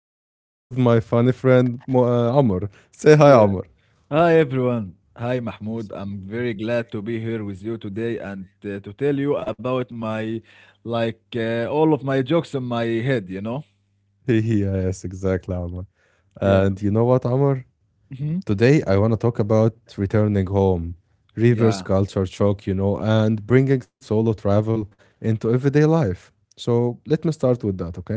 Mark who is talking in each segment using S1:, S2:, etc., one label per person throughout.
S1: and I'm still with my funny friend Amr. Say hi,
S2: Yeah.
S1: Amr.
S2: Hi, everyone. Hi, Mahmoud. I'm very glad to be here with you today and to tell you about all of my jokes in my head, you know?
S1: Yes, exactly, Amr.
S2: Yeah.
S1: And you know what, Amr?
S2: Hmm.
S1: Today, I want to talk about returning home, reverse
S2: Yeah.
S1: culture shock, and bringing solo travel into everyday life. So let me start with that, okay?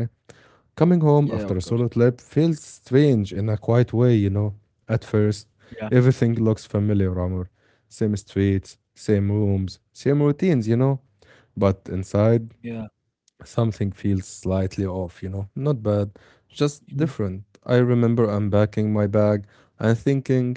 S2: Yeah,
S1: Coming
S2: of course.
S1: home after a solid trip feels strange in a quiet way. At
S2: Yeah.
S1: first, everything looks familiar, Amr. Same streets, same rooms, same routines. But
S2: Yeah.
S1: inside, something feels slightly off. Not bad,
S2: Mhm.
S1: just different. I remember unpacking my bag and thinking,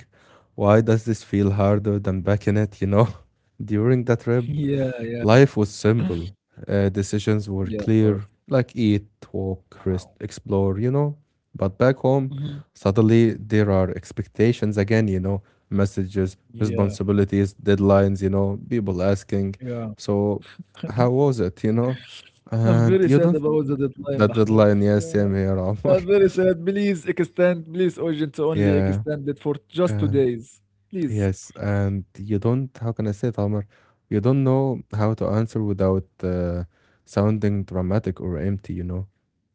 S1: why does this feel harder than back in it? During that
S2: Yeah.
S1: trip,
S2: Yeah.
S1: life was simple.
S2: Yeah, of
S1: Decisions were
S2: course.
S1: clear, like eat,
S2: Ow.
S1: walk, rest, explore. But back
S2: Mhm.
S1: home, suddenly there are expectations again, messages,
S2: Yeah.
S1: responsibilities, deadlines, people asking.
S2: Yeah.
S1: So, how was it?
S2: I'm very sad
S1: And you
S2: about the
S1: don't.
S2: deadline,
S1: That
S2: Mahmoud.
S1: deadline,
S2: Yeah.
S1: yes, same here,
S2: I'm
S1: Omar.
S2: very sad. Please extend, please, urgent, only
S1: Yeah.
S2: extend it for just 2 days. Please.
S1: Yes, and you don't, how can I say it, Omar? You don't know how to answer without sounding dramatic or empty?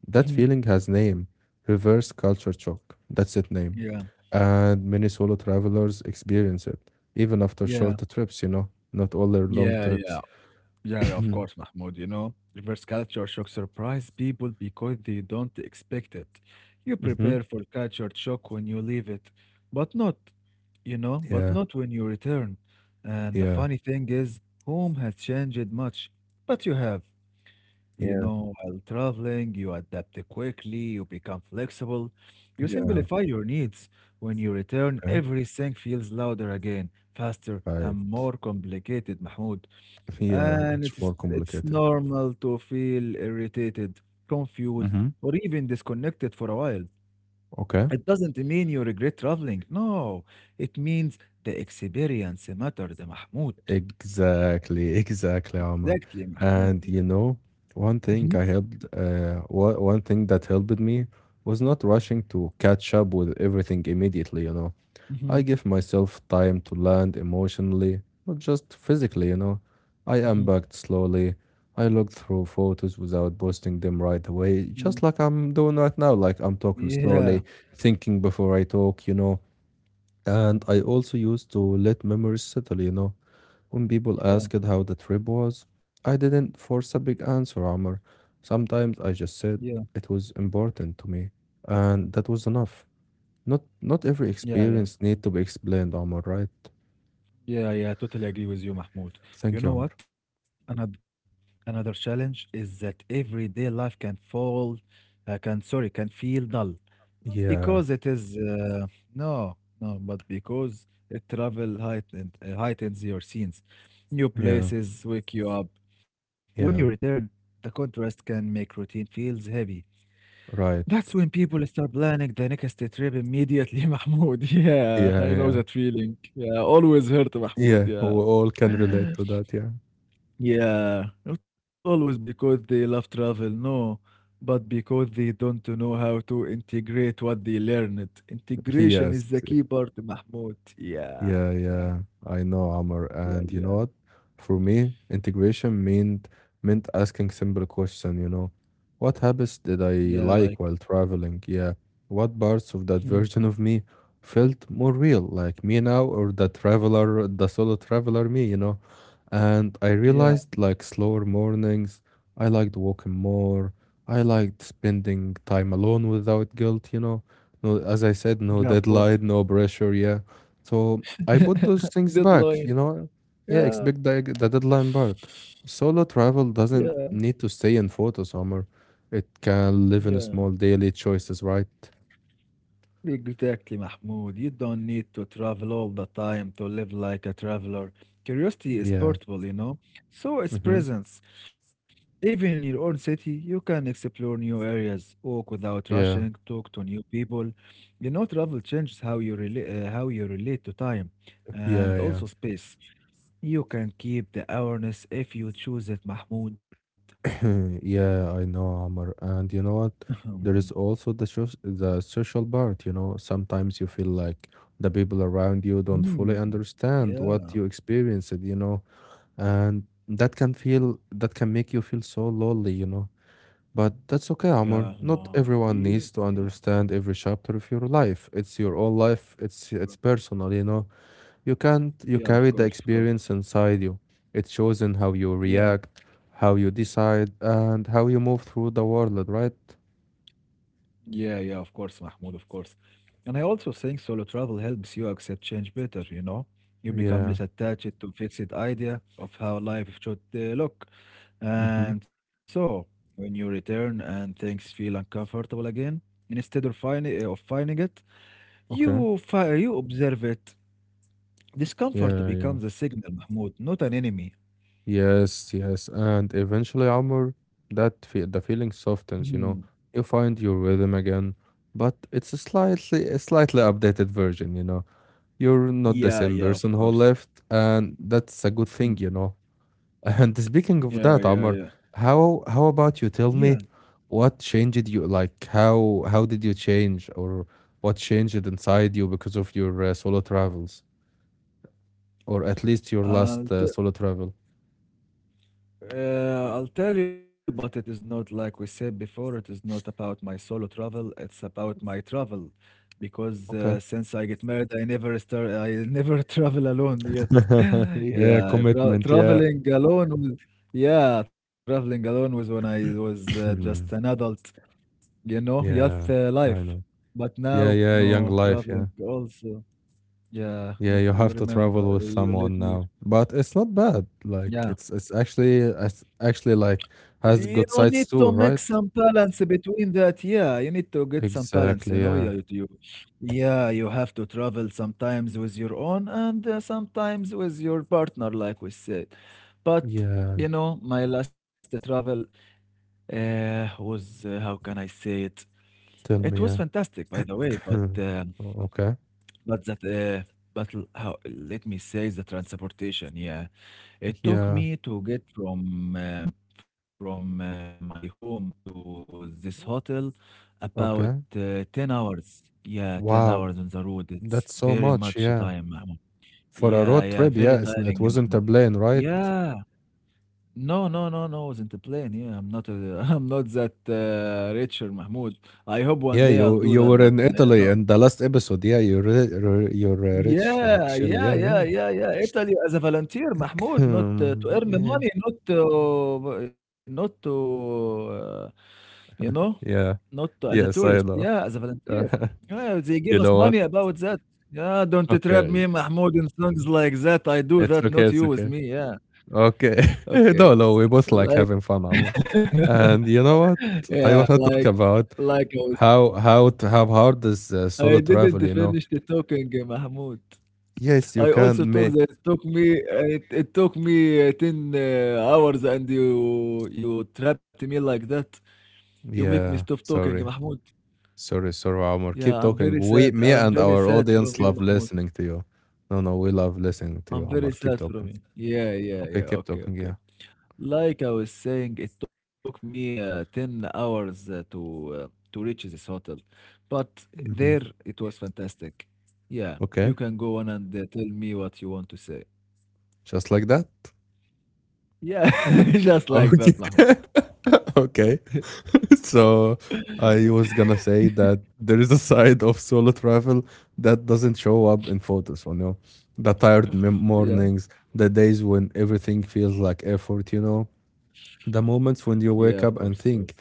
S1: That
S2: Mhm.
S1: feeling has name, reverse culture shock. That's its name.
S2: Yeah.
S1: And many solo travelers experience it, even after
S2: Yeah.
S1: shorter trips? Not all their long
S2: Yeah,
S1: trips.
S2: yeah. Yeah, yeah, of
S1: hmm
S2: course, Mahmoud. You know, reverse culture shock surprise people because they don't expect it. You prepare for culture shock when you leave it, but not, you know, but
S1: Yeah,
S2: not when you return. And the
S1: yeah,
S2: funny thing is, home has changed much, but you have. You
S1: yeah,
S2: know, while traveling, you adapt quickly, you become flexible, you
S1: yeah.
S2: simplify your needs. When you return,
S1: Okay.
S2: everything feels louder again, faster,
S1: I,
S2: and more complicated, Mahmoud.
S1: yeah,
S2: And
S1: much
S2: it's
S1: more
S2: it's
S1: complicated.
S2: normal to feel irritated, confused,
S1: Hmm
S2: or even disconnected for a while.
S1: Okay.
S2: It doesn't mean you regret traveling. No, it means the experience mattered, Mahmoud.
S1: Exactly, exactly, Omar.
S2: Exactly, Mahmoud.
S1: And
S2: Yeah. Mhm,
S1: one thing that helped me was not rushing to catch up with everything immediately. I
S2: mhm,
S1: give myself time to land emotionally, not just physically. I
S2: mhm,
S1: unpacked slowly. I looked through photos without posting them right away,
S2: mhm.
S1: just like I'm doing right now. Like I'm talking
S2: Yeah,
S1: slowly, thinking before I talk. And I also used to let memories settle. When people
S2: yeah,
S1: asked how the trip was, I didn't force a big answer, Amr. Sometimes I
S2: yeah,
S1: just said it was important to me, and that was enough. Not every
S2: yeah, yeah.
S1: experience need to be explained, Amr, right?
S2: Yeah, yeah, totally agree with you, Mahmoud.
S1: Thank you,
S2: You
S1: Amr.
S2: know what? Another challenge is that everyday life can feel dull. Not because
S1: Yeah,
S2: it is no, no, but because it heightens your scenes. New
S1: yeah,
S2: places wake you up. When you
S1: yeah,
S2: return, the contrast can make routine feels heavy.
S1: right.
S2: That's when people start planning the next trip immediately, Mahmoud. Yeah, I
S1: Yeah,
S2: know
S1: yeah.
S2: that feeling. Yeah, always hurt, Mahmoud.
S1: Yeah, we
S2: Yeah.
S1: all can relate to that, yeah.
S2: Yeah, not always because they love travel, no, but because they don't know how to integrate what they learned. Integration
S1: Yes.
S2: is the key part, Mahmoud. Yeah,
S1: Yeah,
S2: yeah,
S1: yeah, I know, Amr.
S2: yeah,
S1: And you know
S2: yeah,
S1: what? For me, integration meant asking simple question. What habits did I
S2: yeah,
S1: like while traveling? Yeah. What parts of that
S2: mhm.
S1: version of me felt more real, like me now or the traveler, the solo traveler me? And I
S2: Yeah,
S1: realized like slower mornings, I liked walking more, I liked spending time alone without guilt. No, as I said, no
S2: yeah, of course.
S1: deadline, no pressure, yeah. So I put those things back,
S2: Deadline.
S1: you know. Yeah,
S2: Yeah,
S1: expect the deadline part. Solo travel doesn't
S2: yeah,
S1: need to stay in photos, Omar. It can live in
S2: yeah.
S1: small daily choices, right?
S2: Exactly, Mahmoud. You don't need to travel all the time to live like a traveler. Curiosity is
S1: Yeah.
S2: portable, you know, so is
S1: Mm-hmm.
S2: presence. Even in your own city, you can explore new areas, walk without rushing,
S1: Yeah.
S2: talk to new people. You know, travel changes how you relate to time,
S1: Yeah.
S2: and
S1: Yeah.
S2: also space. You can keep the awareness if you choose it, Mahmoud.
S1: Yeah, I know, Amr. And you know what?
S2: Um,
S1: There is also the shows, the social part. Sometimes you feel like the people around you don't
S2: hmm.
S1: fully understand what
S2: Yeah,
S1: you experienced, and that can make you feel so lonely. But that's okay,
S2: yeah,
S1: Amr. Not everyone
S2: see,
S1: needs to
S2: yeah,
S1: understand every chapter of your life. It's your own life. It's personal, you know. You can't, you
S2: yeah,
S1: carry the
S2: of course,
S1: experience inside you. It shows in how you
S2: yeah,
S1: react, how you decide, and how you move through the world, right?
S2: yeah, yeah, of course, Mahmoud, of course. And I also think solo travel helps you accept change better, you know? You become less
S1: Yeah.
S2: attached to fixed idea of how life should look.
S1: hmm
S2: And so, when you return and things feel uncomfortable again, instead of finding it,
S1: Okay.
S2: you observe it. Discomfort
S1: Yeah, yeah. Yeah.
S2: becomes a signal, Mahmoud, not an enemy.
S1: Yes, yes. And eventually, Amr, that fe the feeling
S2: Mhm.
S1: softens, you know. You find your rhythm again, but it's a slightly updated version, you know. You're not the
S2: Yeah,
S1: same
S2: yeah, of
S1: person who
S2: course.
S1: left, and that's a good thing,
S2: Mhm.
S1: you know. And speaking of
S2: Yeah,
S1: that,
S2: yeah,
S1: Amr,
S2: yeah.
S1: how about you
S2: Yeah,
S1: tell me what changed you? Like how did you change, or what changed inside you because of your solo travels, or at least your
S2: I'll
S1: last solo travel?
S2: I'll tell you, but it is not like we said before, it is not about my solo travel, it's about my travel. Because
S1: Okay.
S2: since I get married, I never travel alone yet.
S1: Yeah,
S2: Yeah,
S1: commitment. Yeah.
S2: traveling alone was, yeah, traveling alone was when I was just an adult, you know, youth
S1: Yeah,
S2: life.
S1: I know.
S2: But now,
S1: Yeah, yeah, young
S2: no,
S1: life. Yeah,
S2: traveling also. Yeah,
S1: yeah. You
S2: you
S1: have to
S2: remember,
S1: travel with
S2: you let
S1: someone
S2: me.
S1: now, but it's not bad. Like
S2: Yeah.
S1: it's actually like has
S2: You
S1: good
S2: need to
S1: sides
S2: make
S1: too,
S2: some
S1: right?
S2: balance between that. Yeah, you need to get some balance, you know.
S1: Exactly. Yeah.
S2: Yeah, you have to travel sometimes with your own and sometimes with your partner, like we said. But,
S1: Yeah,
S2: you know, my last travel how can I say it?
S1: tell
S2: It was
S1: me. Yeah.
S2: fantastic, by the way,
S1: Oh, okay.
S2: but that, uh, but let me say the transportation, yeah. It took
S1: Yeah.
S2: me to get from my home to this hotel about
S1: Okay.
S2: 10 hours. Yeah, 10 hours
S1: Wow.
S2: on the road. It's
S1: That's so
S2: very
S1: much.
S2: much
S1: Yeah.
S2: time, Mahmoud.
S1: For a
S2: Yeah,
S1: road
S2: yeah,
S1: trip.
S2: very
S1: Yeah. It
S2: tiring,
S1: wasn't a
S2: Mahmoud.
S1: plane, right?
S2: Yeah. No, no, no, no, I wasn't a plane. Yeah, I'm not a, I'm not that richer, Mahmoud. I hope one
S1: Yeah,
S2: day I'll
S1: you
S2: do
S1: you
S2: that,
S1: were
S2: but
S1: in Italy
S2: no.
S1: in the last episode. Yeah, you're ri- ri- you're rich like
S2: Yeah,
S1: Chile.
S2: yeah,
S1: Yeah,
S2: yeah,
S1: yeah.
S2: yeah, yeah. Italy as a volunteer, Mahmoud, not to
S1: Hmm,
S2: earn
S1: yeah.
S2: money, not to, not to, uh, you know,
S1: Yeah.
S2: not to, as a tourist.
S1: Yes, I
S2: Yeah,
S1: know.
S2: as a volunteer.
S1: Uh,
S2: Yeah, they give
S1: you
S2: us
S1: know
S2: money
S1: what?
S2: about that. Yeah, don't trap
S1: Okay.
S2: me, Mahmoud, in songs like that. I do
S1: It's
S2: that,
S1: okay.
S2: not
S1: It's
S2: you with
S1: okay.
S2: me. Yeah.
S1: Okay. No,
S2: Okay.
S1: no, we both like
S2: Like,
S1: having fun, Omar. And you know what?
S2: yeah,
S1: I want
S2: like,
S1: to talk about.
S2: like I was,
S1: How hard is solo
S2: I didn't
S1: travel?
S2: finish the talking, Mahmoud.
S1: Yes, you
S2: I also
S1: can
S2: took
S1: make
S2: that took me it, it took me 10 hours and you trapped me like that. You make me stop
S1: Yeah,
S2: talking,
S1: sorry.
S2: Mahmoud.
S1: Sorry, sorry, Omar. Keep
S2: Yeah, I'm
S1: talking.
S2: very
S1: We
S2: sad
S1: me
S2: and I'm
S1: and
S2: very
S1: our
S2: sad from
S1: audience
S2: you,
S1: love
S2: Mahmoud.
S1: listening to you. No, no, we love listening to you,
S2: I'm very
S1: Omar. Keep
S2: sad from
S1: talking.
S2: you. Yeah, yeah,
S1: Okay,
S2: yeah.
S1: keep
S2: Okay,
S1: talking,
S2: okay.
S1: yeah.
S2: Like I was saying, it took me 10 hours uh, to reach this hotel. But
S1: hmm
S2: there it was fantastic. Yeah, you
S1: Okay.
S2: can go on and tell me what you want to say.
S1: Just like that.
S2: Yeah, just like
S1: Okay.
S2: that, Mahmoud.
S1: Okay. So I was gonna say that there is a side of solo travel that doesn't show up in photos, the tired
S2: Yeah.
S1: mornings, the days when everything feels like effort, the moments
S2: Yeah,
S1: when
S2: of
S1: you
S2: course,
S1: wake
S2: of
S1: up and
S2: course.
S1: think,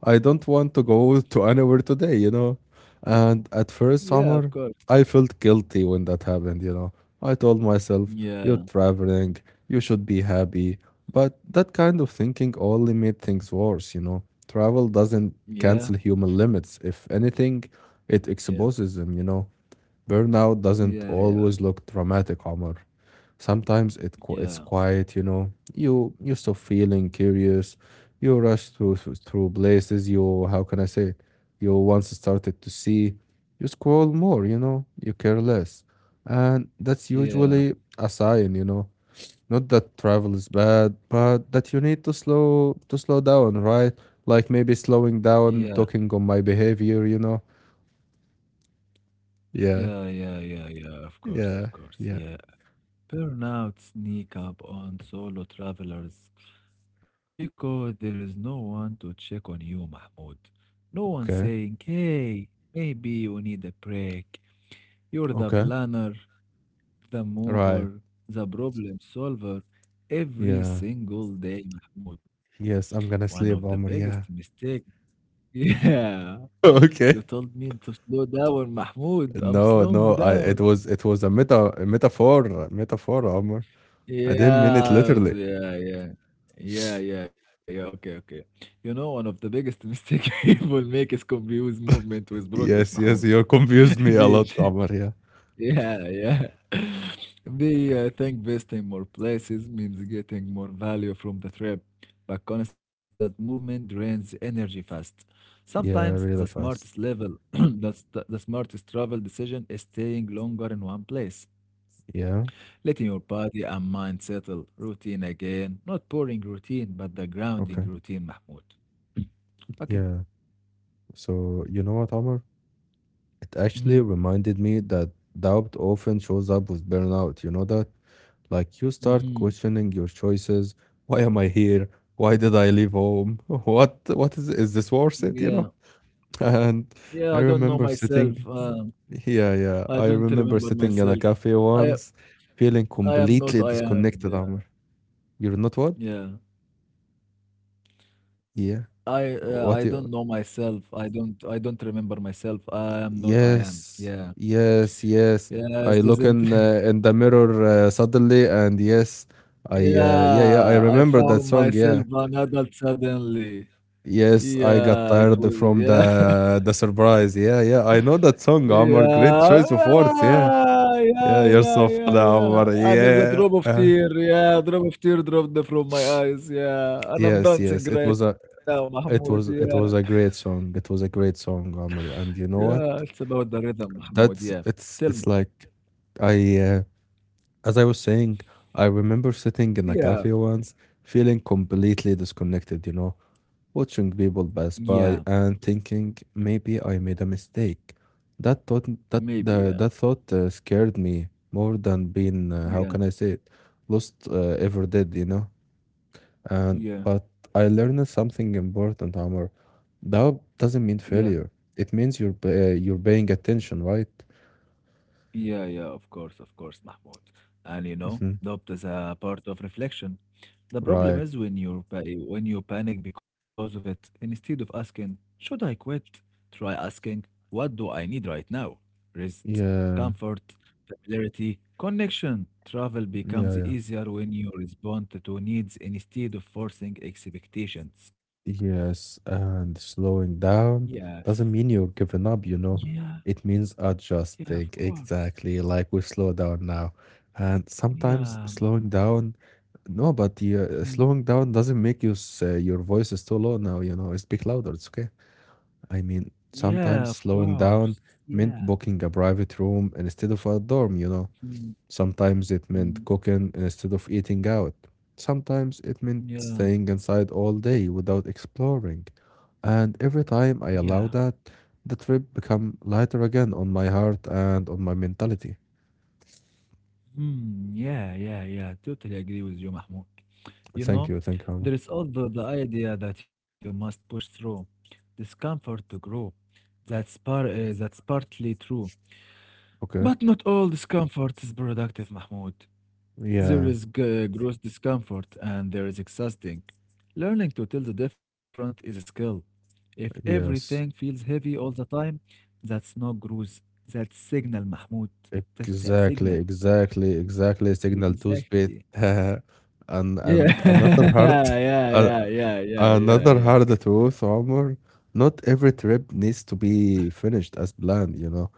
S1: I don't want to go to anywhere today? And at
S2: Yeah,
S1: first
S2: of course.
S1: summer, I felt guilty when that happened? I told myself, you're
S2: Yeah,
S1: traveling, you should be happy. But that kind of thinking only made things worse? Travel doesn't
S2: yeah,
S1: cancel human limits. If anything, it
S2: yeah,
S1: exposes them? Burnout doesn't
S2: yeah, yeah,
S1: always look dramatic, Omar. Sometimes it's
S2: yeah,
S1: quiet, you know. You stop feeling curious. You rush through places you how can I say it? You once started to see. You scroll more, you know. You care less, and that's
S2: yeah,
S1: usually a sign. Not that travel is bad, but that you need to slow down, right? Like maybe slowing down,
S2: yeah,
S1: talking on my behavior. Yeah,
S2: yeah, yeah, yeah, yeah, of course,
S1: yeah,
S2: of course.
S1: yeah.
S2: Yeah, burnout sneak up on solo travelers because there is no one to check on you, Mahmoud. No one
S1: Okay,
S2: saying, hey, maybe you need a break. You're the
S1: okay,
S2: planner, the
S1: right.
S2: mover, the problem solver every
S1: Yeah.
S2: single day, Mahmoud.
S1: Yes, I'm
S2: One
S1: gonna
S2: of the
S1: sleep, Amr.
S2: biggest
S1: Yeah.
S2: mistake. Yeah. You
S1: Okay.
S2: told me to slow down, Mahmoud. I'm
S1: No,
S2: slowing
S1: no,
S2: down.
S1: it was a metaphor, Amr. I didn't mean it
S2: Yeah,
S1: literally.
S2: yeah, yeah. Yeah, yeah, yeah. Okay, okay. You know, one of the biggest mistake people make is confuse movement with progress,
S1: Yes,
S2: Mahmoud.
S1: yes, you confused me a lot,
S2: Indeed.
S1: Amr. Yeah.
S2: Yeah, yeah. They think visiting more places means getting more value from the trip, but constant movement drains energy fast. Sometimes
S1: Yeah,
S2: the
S1: really
S2: smartest
S1: fast.
S2: level, the smartest travel decision is staying longer in one place,
S1: Yeah.
S2: letting your body and mind settle. Routine again, not boring routine, but the grounding
S1: Okay.
S2: routine, Mahmoud. Okay.
S1: Yeah. So you know what, Amr? It actually
S2: Hmm.
S1: reminded me that doubt often shows up with burnout. You know that? Like you start
S2: Hmm.
S1: questioning your choices. Why am I here? Why did I leave home? What is this worth it, you
S2: Yeah.
S1: know? And
S2: Yeah, I
S1: I
S2: don't know
S1: remember sitting,
S2: myself.
S1: yeah, yeah.
S2: I
S1: I
S2: don't
S1: remember
S2: remember
S1: sitting in a
S2: myself.
S1: cafe once,
S2: I
S1: feeling
S2: I am
S1: completely
S2: not I
S1: disconnected,
S2: am.
S1: Amr.
S2: Yeah.
S1: You're not what?
S2: Yeah.
S1: Yeah. What
S2: I
S1: you?
S2: don't know myself. I don't remember myself. I am not I am.
S1: Yes,
S2: Yeah.
S1: yes, yes. I
S2: Yes,
S1: look
S2: isn't
S1: in the mirror suddenly, and yes, I yeah, yeah. I
S2: Yeah, I
S1: remember that
S2: found
S1: song.
S2: myself
S1: Yeah,
S2: an adult suddenly.
S1: yes. I got
S2: Yeah, it
S1: tired
S2: was
S1: from
S2: yeah.
S1: the surprise. Yeah, yeah. I know that song, Amr. Great choice of
S2: Yeah.
S1: words. Yeah,
S2: Yeah, yeah,
S1: yeah. You're
S2: yeah,
S1: so
S2: yeah,
S1: funny,
S2: yeah.
S1: Amr.
S2: And it's a
S1: Yeah.
S2: drop of tear. Yeah, a drop of tear dropped from my eyes. Yeah. And I'm
S1: Yes,
S2: dancing
S1: yes. It
S2: right
S1: was a
S2: now, Mahmoud.
S1: it was
S2: Yeah.
S1: it was a great song. It was a great song, Omar. And you know
S2: Yeah,
S1: what?
S2: it's about the rhythm, Mahmoud. Yeah.
S1: That's
S2: Tell me.
S1: it's like I as I was saying, I remember sitting in a
S2: Yeah,
S1: cafe once, feeling completely disconnected, watching people pass
S2: yeah,
S1: by and thinking maybe I made a mistake. That thought that
S2: maybe,
S1: the
S2: yeah,
S1: that thought uh, scared me more than being how
S2: yeah,
S1: can I say it, lost ever did? And
S2: yeah,
S1: but I learned something important, Amr. Doubt doesn't mean
S2: yeah,
S1: failure. It means you're paying attention, right?
S2: yeah, yeah, of course, Mahmoud. And you know,
S1: hmm
S2: doubt is a part of reflection. The problem
S1: Right.
S2: is when you panic because of it, instead of asking, should I quit? Try asking, what do I need right now? Rest,
S1: Yeah.
S2: comfort, familiarity, connection. Travel
S1: Yeah.
S2: becomes
S1: Yeah.
S2: easier when you respond to needs instead of forcing expectations.
S1: Yes. And slowing down
S2: Yes.
S1: doesn't mean you're giving up. You know,
S2: Yeah.
S1: it means
S2: Yeah,
S1: adjusting.
S2: of course.
S1: Exactly. Like we slow down now, and sometimes
S2: Yeah,
S1: slowing
S2: Mahmoud.
S1: down. No, but the
S2: Mhm.
S1: slowing down doesn't make you say your voice is too low now. Speak louder. It's okay. I mean,
S2: Yeah, of
S1: sometimes slowing
S2: course.
S1: down
S2: Yeah.
S1: meant booking a private room instead of a dorm.
S2: Mhm.
S1: Sometimes it meant
S2: Mhm.
S1: cooking instead of eating out. Sometimes it meant
S2: Yeah.
S1: staying inside all day without exploring. And every time I
S2: Yeah.
S1: allow that, the trip become lighter again on my heart and on my mentality.
S2: Hmm. Yeah, yeah, yeah. Totally agree with you, Mahmoud. You
S1: Thank
S2: know,
S1: you, thank you. Alma.
S2: there is also the idea that you must push through discomfort to grow. That's partly true.
S1: Okay.
S2: But not all discomfort is productive, Mahmoud. There
S1: Yeah,
S2: is gross discomfort and there is exhausting. Learning to tell the different is a skill. If everything
S1: yes.
S2: feels heavy all the time, that's not gross. That's signal, Mahmoud. That's a
S1: Exactly,
S2: signal.
S1: exactly, exactly. Signal to space.
S2: Exactly.
S1: and
S2: Yeah.
S1: and another heart.
S2: Yeah,
S1: a-
S2: yeah, yeah, yeah, yeah,
S1: Another
S2: yeah,
S1: hard
S2: yeah.
S1: truth, Omar. Not every trip needs to be finished as planned.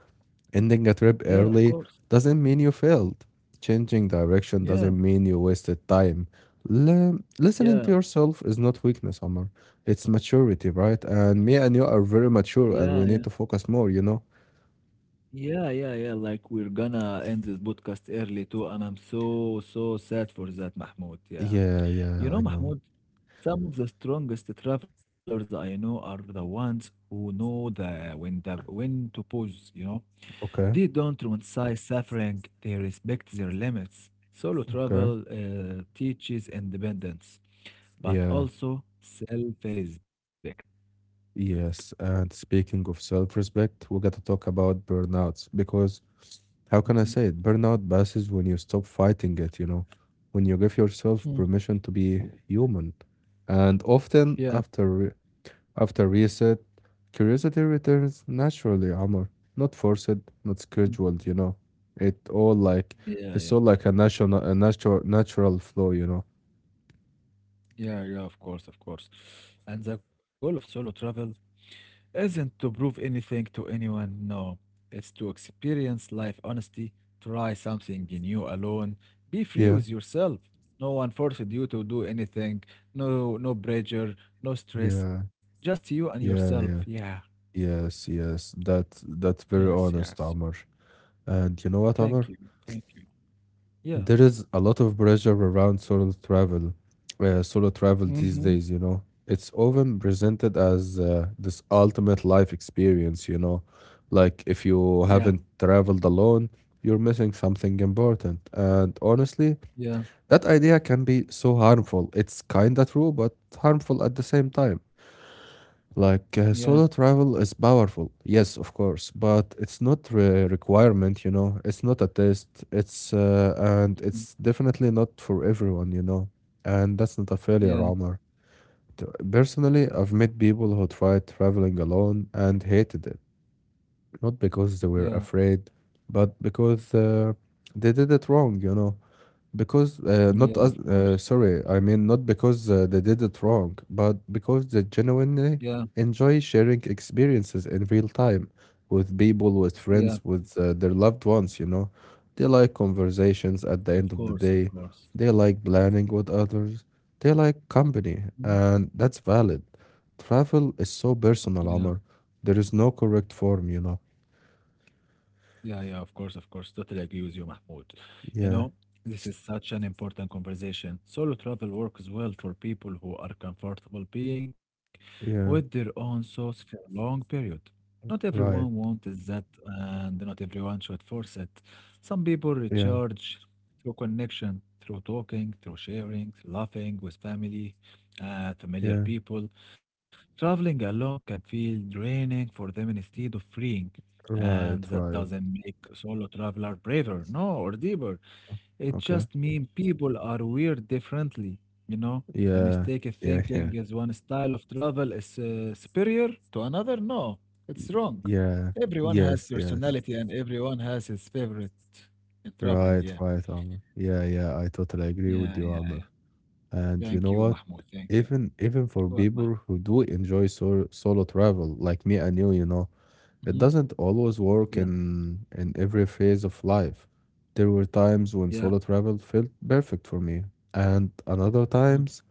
S1: Ending a trip
S2: Yeah, of
S1: early
S2: course.
S1: doesn't mean you failed. Changing direction
S2: Yeah,
S1: doesn't mean you wasted time. Listening
S2: yeah,
S1: to yourself is not weakness, Omar. It's maturity, right? And me and you are very
S2: yeah,
S1: mature
S2: yeah,
S1: and we need to focus more?
S2: yeah, yeah, yeah. Like we're gonna end this podcast early too, and I'm so, so sad for that, Mahmoud. Yeah.
S1: Yeah,
S2: You
S1: yeah, I
S2: know,
S1: know.
S2: Mahmoud, some of the strongest travelers I know are the ones who know the when to pause, you know. They
S1: Okay,
S2: don't romanticize suffering, they respect their limits. Solo
S1: okay.
S2: travel teaches independence, but
S1: Yeah,
S2: also self-respect.
S1: yes. And speaking of self respect, we got to talk about burnouts because how can I
S2: Mhm,
S1: say it? Burnout passes when you stop fighting it, you know, when you give yourself
S2: mhm.
S1: permission to be human. And often
S2: Yeah.
S1: after after reset, curiosity returns naturally, Amr. Not forced, not
S2: Mhm.
S1: scheduled, you know. It all like
S2: Yeah, yeah.
S1: it's all like a natural flow, you know.
S2: Yeah, yeah, of course, of course. And the goal of solo travel isn't to prove anything to anyone, no. It's to experience life honestly, try something new alone, be free
S1: Yeah.
S2: with yourself. No one forced you to do anything, no no pressure, no stress,
S1: Yeah.
S2: just you and yourself.
S1: Yeah, yeah.
S2: Yeah.
S1: Yes, yes. That's very
S2: Yes,
S1: honest,
S2: yes.
S1: Amr. And you know what,
S2: Thank
S1: Amr?
S2: you. Thank you. Yeah.
S1: There is a lot of pressure around solo travel these
S2: Mm-hmm.
S1: days, you know. It's often presented as this ultimate life experience, you know. Like if you
S2: Yeah,
S1: haven't traveled alone, you're missing something important. And honestly,
S2: yeah,
S1: that idea can be so harmful. It's kinda true, but harmful at the same time.
S2: yeah,
S1: Like solo travel is powerful, yes, of course, but it's not a requirement, you know. It's not a test. It's and
S2: mhm.
S1: it's definitely not for everyone, you know. And that's not a failure,
S2: Yeah,
S1: Omar. T- Personally, I've met people who tried traveling alone and hated it, not because they
S2: yeah,
S1: were afraid, but because they did it wrong, you know. Because not
S2: yeah, of
S1: us,
S2: course.
S1: sorry, I mean not because they did it wrong, but because they
S2: Yeah,
S1: genuinely enjoy sharing experiences in real time with people, with
S2: yeah,
S1: friends, with their loved ones, you know. They like conversations at the
S2: of
S1: end of the
S2: course, of
S1: day.
S2: course.
S1: They like planning with others. They like company,
S2: Mhm.
S1: and that's valid. Travel is so
S2: Yeah.
S1: personal, Omar. There is no correct form, you know.
S2: Yeah, yeah, of course, of course. Totally agree with you, Mahmoud. You
S1: Yeah,
S2: know, this is such an important conversation. Solo travel works well for people who are comfortable being with their
S1: yeah,
S2: own thoughts for a long period. Not everyone
S1: right.
S2: wants that, and not everyone should force it. Some people
S1: Yeah,
S2: recharge through connection, through talking, through sharing, laughing with family, familiar
S1: yeah,
S2: people. Traveling alone can feel draining for them instead of freeing. And
S1: right,
S2: that
S1: right.
S2: doesn't make a solo traveler braver, no, or deeper. It
S1: Okay.
S2: just means people are weird differently. You know, the
S1: Yeah,
S2: mistake of
S1: yeah, yeah,
S2: thinking is one style of travel is superior to another. No, it's wrong.
S1: yeah,
S2: Everyone has
S1: yes, yes.
S2: personality and everyone has his favorite in traveling.
S1: Right,
S2: Yeah,
S1: right, Amr. Yeah, yeah, I totally agree with
S2: yeah,
S1: you,
S2: yeah.
S1: Amr. And you
S2: Thank
S1: know
S2: you,
S1: what?
S2: Mahmoud. Thank you.
S1: Even for
S2: What,
S1: people
S2: Mahmoud?
S1: who do enjoy solo travel, like me and you know.
S2: Hmm.
S1: It doesn't always
S2: Yeah,
S1: work in every phase of life. There were times when
S2: yeah.
S1: solo travel felt perfect for me, and another
S2: Mm.
S1: times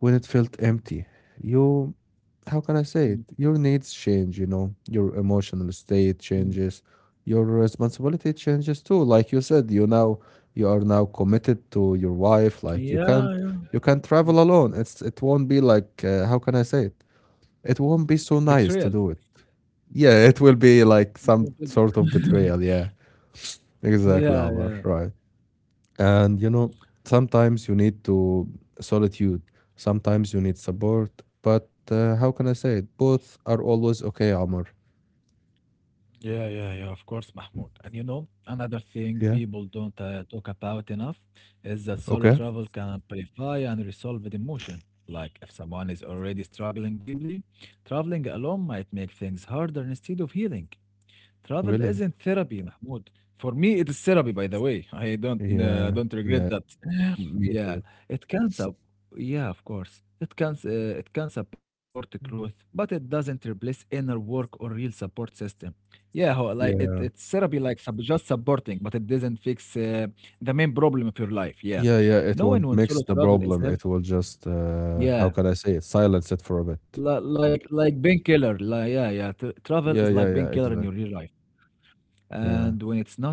S1: when it felt empty. You, how can I
S2: Mm,
S1: say it? Your needs change, you know, your emotional state
S2: mm.
S1: changes, your responsibility changes too. Like you said, you are now committed to your wife. Like
S2: Yeah, yeah.
S1: you can't travel alone. It won't be like how can I say it? It won't be so
S2: Betrayal.
S1: nice to do it, yeah, it will be
S2: It
S1: like
S2: won't
S1: some
S2: be-
S1: sort of betrayal. Yeah, exactly,
S2: Yeah,
S1: Omar.
S2: yeah.
S1: Right. And you know, sometimes you need to solitude. Sometimes you need support. But how can I say it? Both are always okay, Omar.
S2: Yeah, yeah, yeah, of course, Mahmoud. And you know, another thing
S1: Yeah.
S2: people don't talk about enough is that solo
S1: Okay.
S2: travel can amplify and resolve the emotion. Like, if someone is already struggling deeply, traveling alone might make things harder instead of healing. Travel
S1: Really?
S2: isn't therapy, Mahmoud. For me, it is therapy, by the way. I don't uh,
S1: Yeah.
S2: don't regret
S1: Yeah.
S2: that.
S1: Me
S2: Yeah,
S1: too.
S2: it can yeah, of course. It can support the growth,
S1: Mm.
S2: but it doesn't replace inner work or real support system. Yeah, like it
S1: Yeah.
S2: it's therapy like sub just supporting, but it doesn't fix the main problem of your life. Yeah,
S1: Yeah. Yeah. It
S2: knowing
S1: won't
S2: when
S1: mix
S2: solo
S1: the
S2: travel is
S1: problem.
S2: help.
S1: It will just how
S2: Yeah,
S1: can I say it? Silence it for a
S2: li-
S1: bit.
S2: like like painkiller. Like yeah, yeah. T Travel is
S1: Yeah.
S2: like
S1: Yeah.
S2: painkiller
S1: Yeah.
S2: in your
S1: Exactly.
S2: real life and
S1: Yeah.
S2: when it's not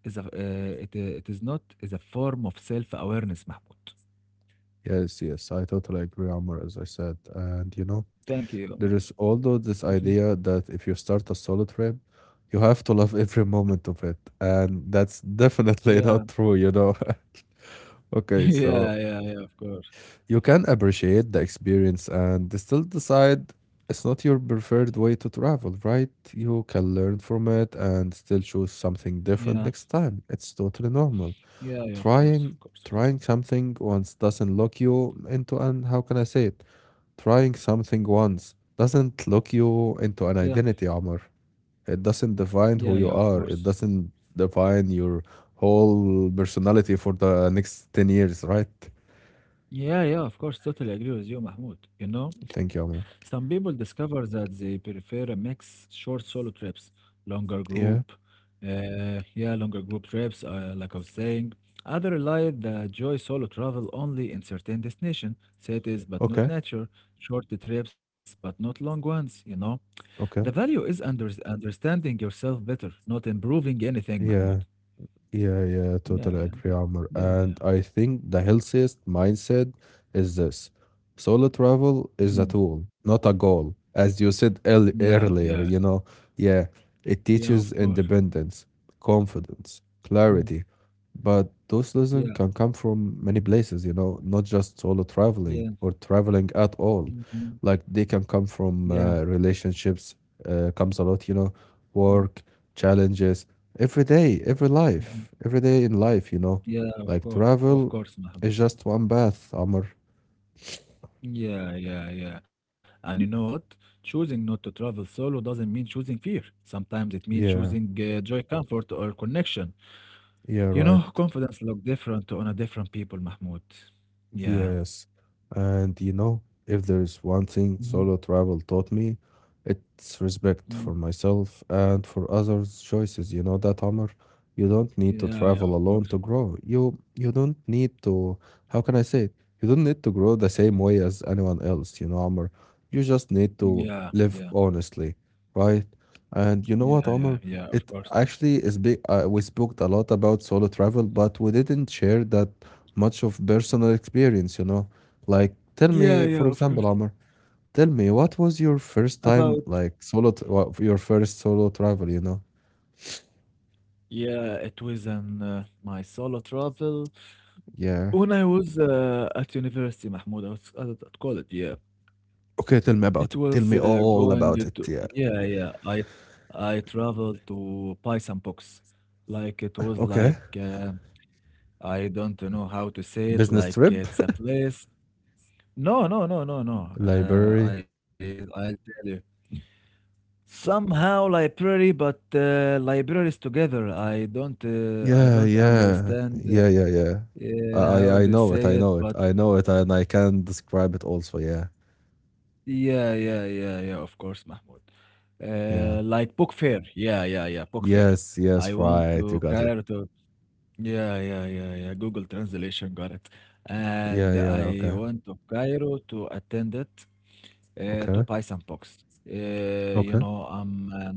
S2: is a it it is not is a form of self-awareness, Mahmoud.
S1: Yes, yes, I totally agree, Amr, as I said. And you know,
S2: Thank you, Omar.
S1: there is also
S2: Mhm.
S1: this idea that if you start a solo trip, you have to love every moment of it. And that's definitely
S2: Yeah,
S1: not true, you know. okay,
S2: yeah,
S1: so
S2: yeah, yeah. Of course.
S1: you can appreciate the experience and still decide it's not your preferred way to travel, right? You can learn from it and still choose something different
S2: Yeah,
S1: next time. It's totally normal.
S2: yeah, yeah. Of course,
S1: Trying
S2: of course, of course.
S1: trying something once doesn't lock you into an how can I say it? Trying something once doesn't lock you
S2: Yeah,
S1: into an identity, Omar. It doesn't
S2: yeah,
S1: define
S2: yeah.
S1: who
S2: Of
S1: you are.
S2: course.
S1: It doesn't define your whole personality for the next 10 years, right?
S2: Yeah, yeah, of course, totally agree with you, Mahmoud. You know,
S1: Thank you, Omar.
S2: some people discover that they prefer a mix short solo trips, longer
S1: Yeah.
S2: group, yeah, longer group trips, like I was saying. Others rely the joy solo travel only in certain destination, cities but not
S1: Okay.
S2: nature, short trips but not long ones, you know. The
S1: Okay.
S2: value is understanding yourself better, not improving anything,
S1: Yeah.
S2: Mahmoud.
S1: Yeah, yeah,
S2: Yeah,
S1: totally
S2: yeah,
S1: agree,
S2: yeah,
S1: Amr.
S2: yeah, yeah.
S1: And I think the healthiest mindset is this. Solo travel is a
S2: Mhm.
S1: tool, not a goal. As you said
S2: Yeah, yeah,
S1: earlier, you know, yeah, it
S2: yeah, of
S1: teaches
S2: course.
S1: independence, confidence,
S2: Mm-hmm.
S1: clarity. But those lessons
S2: Yeah,
S1: can come from many places, you know, not just solo traveling
S2: yeah,
S1: or traveling at all.
S2: mhm,
S1: Like they can come
S2: yeah,
S1: from relationships, comes a lot, you know,
S2: mm,
S1: work, challenges every day, every
S2: mhm.
S1: life, every day in life, you know,
S2: Yeah,
S1: like
S2: of
S1: travel
S2: course, Mahmoud.
S1: is just one bath, Amr.
S2: Yeah, yeah, yeah. And you know what? Choosing not to travel solo doesn't mean choosing fear. Sometimes it means
S1: Yeah,
S2: choosing joy, comfort, or connection.
S1: yeah,
S2: You
S1: right.
S2: know, confidence look different on a different people, Mahmoud. Yeah.
S1: Yes. And you know, if there's one thing
S2: Mhm,
S1: solo travel taught me, it's respect
S2: mhm.
S1: for myself and for others' choices. You know that, Omar? You don't need to
S2: Yeah, yeah,
S1: travel
S2: of
S1: alone
S2: course.
S1: to grow. You don't need to, how can I say it? You don't need to grow the same way as anyone else, you know, Omar. You just need
S2: Yeah,
S1: to
S2: yeah,
S1: live honestly, right? And you
S2: yeah,
S1: know what,
S2: yeah,
S1: Omar?
S2: yeah, of
S1: It
S2: course.
S1: actually is big. We spoke a lot about solo travel, but we didn't share that much of personal experience, you know? Like, tell
S2: Yeah,
S1: me,
S2: yeah,
S1: for
S2: of
S1: example,
S2: course.
S1: Amr, tell me, what was your first
S2: About
S1: time, like, solo, your first solo travel, you know?
S2: yeah, it was an my solo travel.
S1: Yeah.
S2: When I was at university, Mahmoud, I was at college, yeah.
S1: Okay, tell
S2: It
S1: me about
S2: was
S1: it. Tell me
S2: going
S1: all
S2: to,
S1: about it.
S2: yeah,
S1: Yeah.
S2: yeah. I traveled to buy some books. Like it was
S1: Okay.
S2: like I don't know how to say it.
S1: Business
S2: Like
S1: trip,
S2: it's a place. No, no, no, no, no. Uh, I
S1: library.
S2: I tell you. Somehow library, but libraries together. I don't uh, I
S1: Yeah,
S2: don't
S1: yeah,
S2: understand
S1: yeah, yeah, yeah. I
S2: how
S1: I
S2: to
S1: know it.
S2: say
S1: I
S2: it,
S1: know it.
S2: but.
S1: I know it, and I can describe it also. Yeah,
S2: Yeah, yeah, yeah, yeah, of course, Mahmoud.
S1: yeah.
S2: Like book fair. Yeah, yeah, yeah, book fair.
S1: Yes,
S2: I
S1: yes.
S2: want
S1: Right. You
S2: to
S1: got it.
S2: Cairo to yeah, yeah, yeah, yeah. Google translation got it.
S1: Yeah,
S2: And
S1: yeah.
S2: I
S1: Okay,
S2: want to Cairo to attend it to
S1: okay,
S2: buy some books. Uh, you
S1: okay.
S2: know, um, um,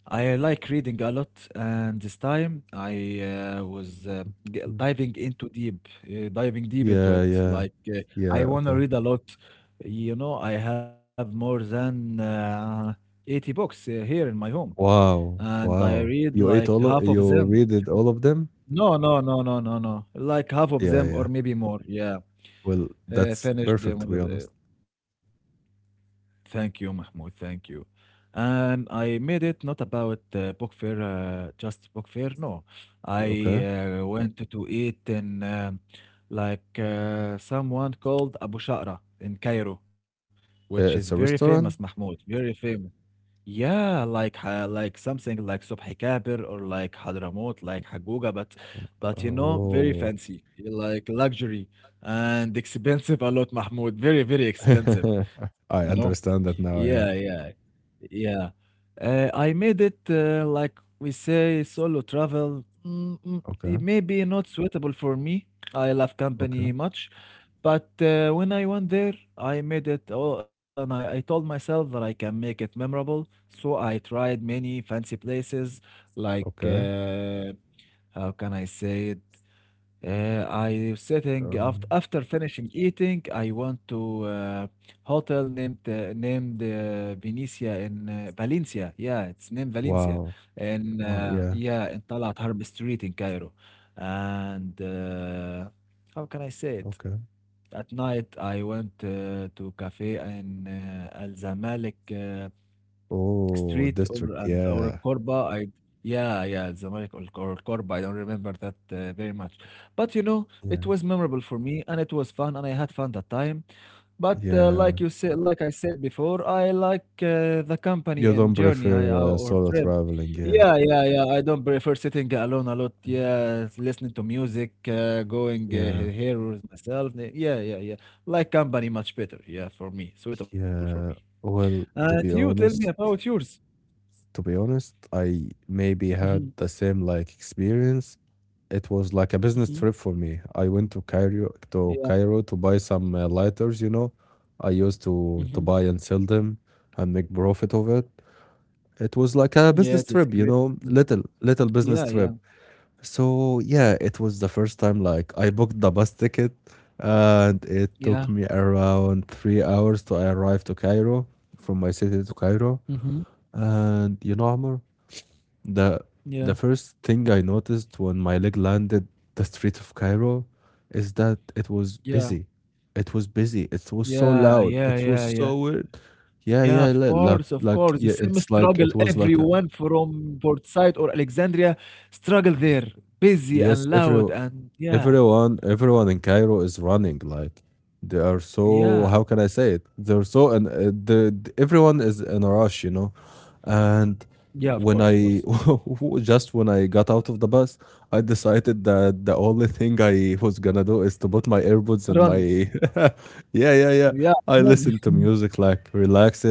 S2: I like reading a lot, and this time I was
S1: Hmm.
S2: diving deep into
S1: Yeah,
S2: it.
S1: yeah.
S2: Like
S1: Yeah,
S2: I want to
S1: okay.
S2: read a lot. You know, I have more than 80 books here in my home,
S1: Wow,
S2: and I
S1: wow.
S2: read
S1: You
S2: like
S1: ate all
S2: half
S1: of
S2: of
S1: you
S2: them.
S1: rated all of them?
S2: No, no, no, no, no, no. Like half of
S1: Yeah,
S2: them,
S1: yeah.
S2: or maybe more. Yeah,
S1: Well, that's
S2: finished
S1: perfect to
S2: them.
S1: be honest.
S2: Thank you, Mahmoud. Thank you. And I made it not about book fair, just book fair. No, I
S1: Okay.
S2: went to eat in like someone called Abu Sha'ra in Cairo, which is very
S1: It's a
S2: famous,
S1: restaurant?
S2: Mahmoud. Very famous. Yeah, like something like Subhi Kabir or like Hadramut, like Haguga, but you know, very
S1: Oh.
S2: fancy, like luxury and expensive a lot, Mahmoud. Very very expensive, you know.
S1: I understand that
S2: Yeah,
S1: now, yeah.
S2: yeah, yeah. I made it like we say solo travel. Mm, mm, it
S1: Okay,
S2: may be not suitable for me. I love
S1: okay,
S2: company much, but when I went there, I made it all, and I told myself that I can make it memorable. So I tried many fancy places, like
S1: okay.
S2: how can I say it? I sitting after
S1: Um,
S2: after finishing eating, I went to hotel named Venetia in Valencia. Yeah, it's named Valencia,
S1: wow.
S2: and
S1: Oh, yeah.
S2: yeah, in Talat Harb Street in Cairo. And how can I say it?
S1: Okay.
S2: At night, I went to cafe in Al Zamalek
S1: Oh,
S2: Street or
S1: district.
S2: and or
S1: Yeah.
S2: Corba. I yeah, yeah, Zamalek or Corba. I don't remember that very much, but you know it
S1: Yeah.
S2: was memorable for me and it was fun and I had fun that time. But
S1: Yeah.
S2: like you said, like I said before, I like the company
S1: You
S2: and
S1: don't
S2: journey
S1: prefer
S2: or
S1: solo
S2: trip.
S1: traveling, yeah.
S2: Yeah, yeah, yeah. I don't prefer sitting alone a lot.
S1: Mm,
S2: Yeah, listening to music, going
S1: yeah.
S2: here with myself. Yeah, yeah, yeah. Like company much better. Yeah, for me, suitable for me.
S1: Yeah, well,
S2: And you tell me about yours.
S1: to be honest, I maybe had the same like experience. It was like a business trip for
S2: Mhm.
S1: me. I went to Cairo
S2: Yeah.
S1: to buy some lighters, you know. I used to buy and
S2: Mhm.
S1: sell them and make profit of it. It was like a business trip,
S2: Yes,
S1: you
S2: it's a
S1: know,
S2: great
S1: little
S2: food.
S1: little business trip.
S2: Yeah, yeah,
S1: So yeah, it was the first time like I booked the bus ticket and it took me
S2: yeah.
S1: around 3 hours to arrive to Cairo from my city to Cairo.
S2: Mhm.
S1: And you know, Amr, the the
S2: Yeah,
S1: first thing I noticed when my leg landed the street of Cairo is that it was busy.
S2: yeah,
S1: It was busy. It was so loud.
S2: yeah,
S1: It
S2: yeah,
S1: was so
S2: yeah, yeah.
S1: weird. Yeah,
S2: Yeah,
S1: yeah,
S2: of
S1: li- like
S2: course, of
S1: like
S2: course. The
S1: yeah,
S2: same
S1: it's like it
S2: struggle
S1: was like a,
S2: everyone from Port Said or Alexandria struggle there. Busy
S1: yes,
S2: and
S1: every
S2: loud and yeah,
S1: everyone everyone in Cairo is running like they are so
S2: yeah,
S1: how can I say it? They're so and everyone is in a rush, you know. And
S2: yeah, of course, of
S1: when
S2: course.
S1: I just when I got out of the bus, I decided that the only thing I was gonna do is to put my earbuds and my
S2: Run.
S1: yeah, yeah, yeah.
S2: Yeah,
S1: I
S2: run.
S1: listened to music like relaxed,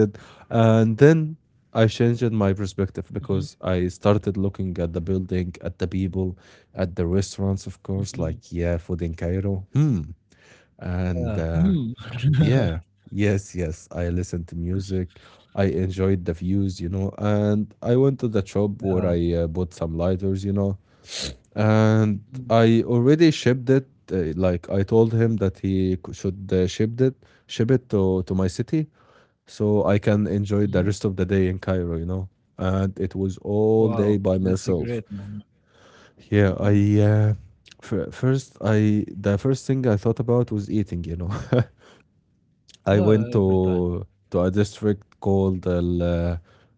S1: and then I changed my perspective
S2: Mhm,
S1: because I started looking at the building, at the people, at the restaurants, of course.
S2: mhm.
S1: Like yeah, food in Cairo. Hmm. And
S2: Yeah. Hmm.
S1: yeah. Yes, yes. I listened to music. I enjoyed the views, you know, and I went to the shop
S2: Yeah.
S1: where I bought some lighters, you know, and
S2: Mm,
S1: I already shipped it. Like I told him that he should ship it to my city, so I can
S2: mhm.
S1: enjoy the rest of the day in Cairo, you know. And it was all
S2: Wow,
S1: day by
S2: that's a great
S1: myself.
S2: man.
S1: Yeah,
S2: Mhm.
S1: I uh, f first I the first thing I thought about was eating, you know. I went
S2: Well, every time.
S1: to a district called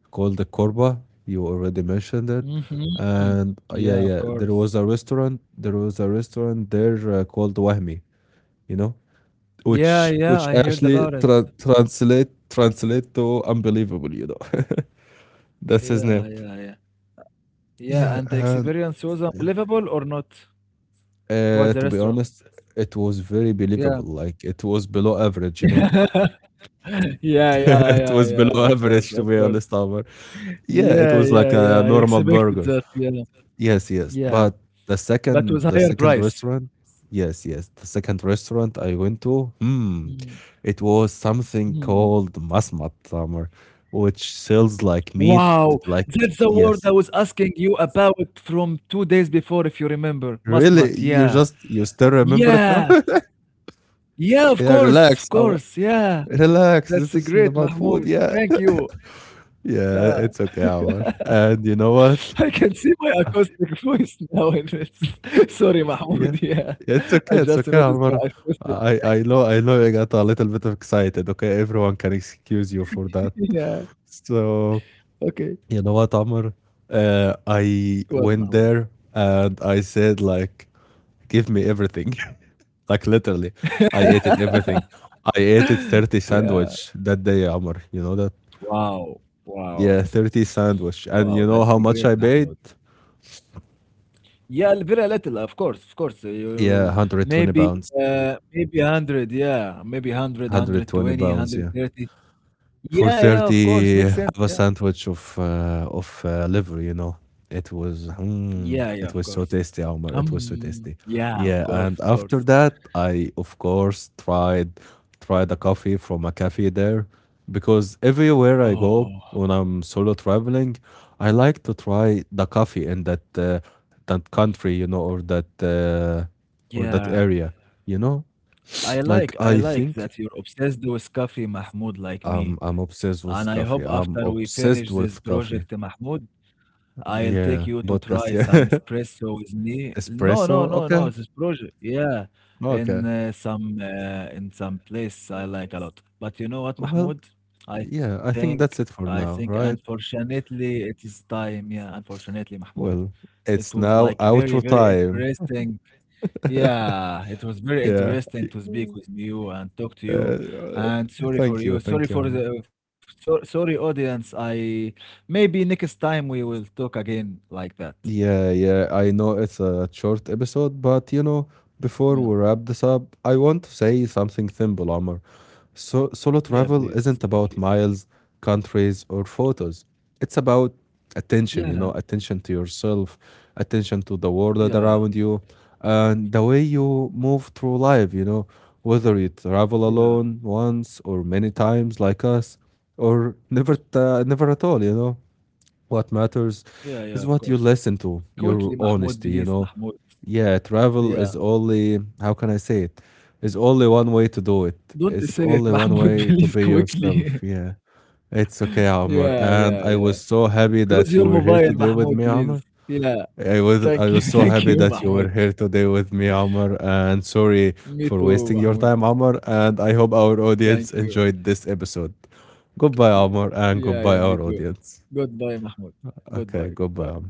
S1: called the Korba. You already mentioned it,
S2: Mhm.
S1: and yeah,
S2: Yeah, of
S1: yeah.
S2: course.
S1: There was a restaurant there called Wahmi. You know,
S2: Yeah,
S1: which
S2: yeah, I heard
S1: actually
S2: about it.
S1: translate to unbelievable. You know, that's his
S2: Yeah,
S1: name.
S2: yeah, yeah. Yeah,
S1: Yeah,
S2: and the
S1: and
S2: experience was unbelievable or not? About the
S1: to be
S2: restaurant.
S1: honest, it was very believable.
S2: Yeah.
S1: Like it was below average. You know,
S2: Yeah, yeah,
S1: it
S2: yeah,
S1: was
S2: yeah,
S1: below
S2: of course,
S1: average to
S2: of
S1: be
S2: course.
S1: honest, Amr. Yeah, it
S2: Yeah,
S1: was
S2: yeah,
S1: like a
S2: yeah. I
S1: normal
S2: expected
S1: burger.
S2: that, yeah.
S1: Yes, yes.
S2: Yeah.
S1: But
S2: But with
S1: the
S2: higher
S1: second
S2: price.
S1: restaurant, yes, yes. The second restaurant I went to, hmm,
S2: Mm,
S1: it was something
S2: mm.
S1: called Masmat Tamer, which sells like meat,
S2: Wow,
S1: like
S2: that's the word I
S1: yes.
S2: was asking you about from 2 days before, if you remember.
S1: Really?
S2: Masmat,
S1: You
S2: yeah.
S1: just you still remember it now?
S2: Yeah. Yeah,
S1: Yeah,
S2: of
S1: relax, Amr.
S2: course, yeah.
S1: Relax.
S2: That's
S1: This
S2: a
S1: isn't
S2: great,
S1: about food.
S2: Mahmoud.
S1: Yeah.
S2: Thank you. Yeah,
S1: Yeah, it's okay, Amr. And you know what?
S2: I can see my acoustic voice now in this. Sorry,
S1: Yeah.
S2: Mahmoud. Yeah,
S1: It's
S2: I
S1: okay. It's
S2: just
S1: okay,
S2: noticed my
S1: Omar.
S2: acoustic.
S1: I I know I know you got a little bit of excited. Okay, everyone can excuse you for that.
S2: Yeah.
S1: So
S2: Okay.
S1: you know what, Omar? I
S2: What,
S1: went
S2: Mahmoud?
S1: there and I said like, give me everything. like literally, I ate it everything. I ate it 30
S2: Yeah.
S1: sandwich that day, Omar. You know that?
S2: Wow. Wow.
S1: Yeah, 30 sandwich.
S2: Wow.
S1: And
S2: That's
S1: you
S2: a
S1: know how
S2: great,
S1: much I
S2: Mahmoud.
S1: paid?
S2: Yeah, very little, of course, of course.
S1: Yeah, one
S2: You
S1: hundred twenty
S2: maybe,
S1: pounds.
S2: maybe 100. Yeah, maybe 100,
S1: one
S2: one
S1: Hundred
S2: hundred
S1: twenty
S2: twenty, one
S1: pounds.
S2: hundred
S1: Yeah.
S2: thirty. Yeah,
S1: For
S2: yeah. Of course, makes
S1: 30
S2: sense. Yeah.
S1: have a sandwich of liver, you know, it was
S2: Yeah,
S1: mm,
S2: yeah. Of
S1: it was
S2: course.
S1: so tasty, Omar, it was so tasty.
S2: Yeah, of
S1: Yeah,
S2: course,
S1: and
S2: of
S1: after
S2: course.
S1: that I of course tried a coffee from a cafe there because everywhere I
S2: Oh,
S1: go when I'm solo traveling I like to try the coffee in that that country, you know, or
S2: yeah.
S1: that area, you know.
S2: I like
S1: Like
S2: I
S1: I
S2: like
S1: think
S2: that you're obsessed with coffee, Mahmoud, like me.
S1: I'm
S2: And
S1: obsessed
S2: I
S1: with
S2: hope
S1: coffee.
S2: after
S1: I'm
S2: we finish this
S1: obsessed with
S2: project,
S1: coffee.
S2: Mahmoud, I'll take you
S1: Yeah,
S2: to try
S1: podcast.
S2: some
S1: Yeah,
S2: espresso with me. No, no,
S1: espresso.
S2: no, no,
S1: Okay,
S2: this project. Yeah.
S1: okay.
S2: In some place I like a lot. But you know what,
S1: Well,
S2: Mahmoud? I
S1: yeah. I
S2: think
S1: think that's
S2: I
S1: it for
S2: think
S1: now, right?
S2: unfortunately it is time. Yeah, unfortunately, Mahmoud.
S1: Well,
S2: It
S1: it's
S2: was
S1: now
S2: like very,
S1: outro
S2: very
S1: time.
S2: interesting. Yeah, it was very
S1: Yeah.
S2: interesting to speak with you and talk to you.
S1: Uh,
S2: And sorry for
S1: Thank you,
S2: you. Sorry
S1: thank you,
S2: for
S1: Ahmed.
S2: so, sorry audience. I Maybe next time we will talk again like that.
S1: Yeah, yeah. I know it's a short episode, but you know, before we
S2: Yeah.
S1: wrap this up, I want to say something simple, Omar. So, solo travel
S2: Yeah,
S1: isn't
S2: please
S1: about
S2: quickly.
S1: miles, countries, or photos. It's about attention, you
S2: Yeah,
S1: know, attention to yourself, attention to the world
S2: yeah,
S1: around you, and the way you move through life, you know, whether you travel
S2: yeah,
S1: alone once or many times like us, or never, never at all, you know. What matters
S2: yeah, yeah, of
S1: is what
S2: course.
S1: you listen to,
S2: Quickly,
S1: your
S2: Mahmoud,
S1: honesty, you
S2: please,
S1: know.
S2: Mahmoud.
S1: Yeah, travel
S2: Yeah.
S1: is only, how can I say it? It's only one way to do it.
S2: Don't
S1: It's
S2: say it,
S1: only one
S2: Mahmoud,
S1: way to
S2: please,
S1: be yourself.
S2: quickly.
S1: Yeah. It's okay,
S2: Yeah,
S1: Amr.
S2: yeah,
S1: And
S2: yeah.
S1: I was so
S2: Close
S1: happy
S2: your
S1: that you were
S2: mobile,
S1: here today
S2: Mahmoud,
S1: with me,
S2: please.
S1: Amr.
S2: Yeah.
S1: I was
S2: Thank
S1: I
S2: you,
S1: was so
S2: thank
S1: happy
S2: you,
S1: that you were
S2: Mahmoud.
S1: here today with me, Amr, and sorry
S2: Me
S1: for
S2: too,
S1: wasting your
S2: Mahmoud.
S1: time, Amr, and I hope our audience
S2: Thank you.
S1: enjoyed this episode.
S2: Yes.
S1: Goodbye, Amr,
S2: Yeah,
S1: and
S2: yeah, me
S1: goodbye
S2: too.
S1: our audience.
S2: Goodbye, Mahmoud. Goodbye,
S1: Okay, goodbye,
S2: goodbye.
S1: Amr.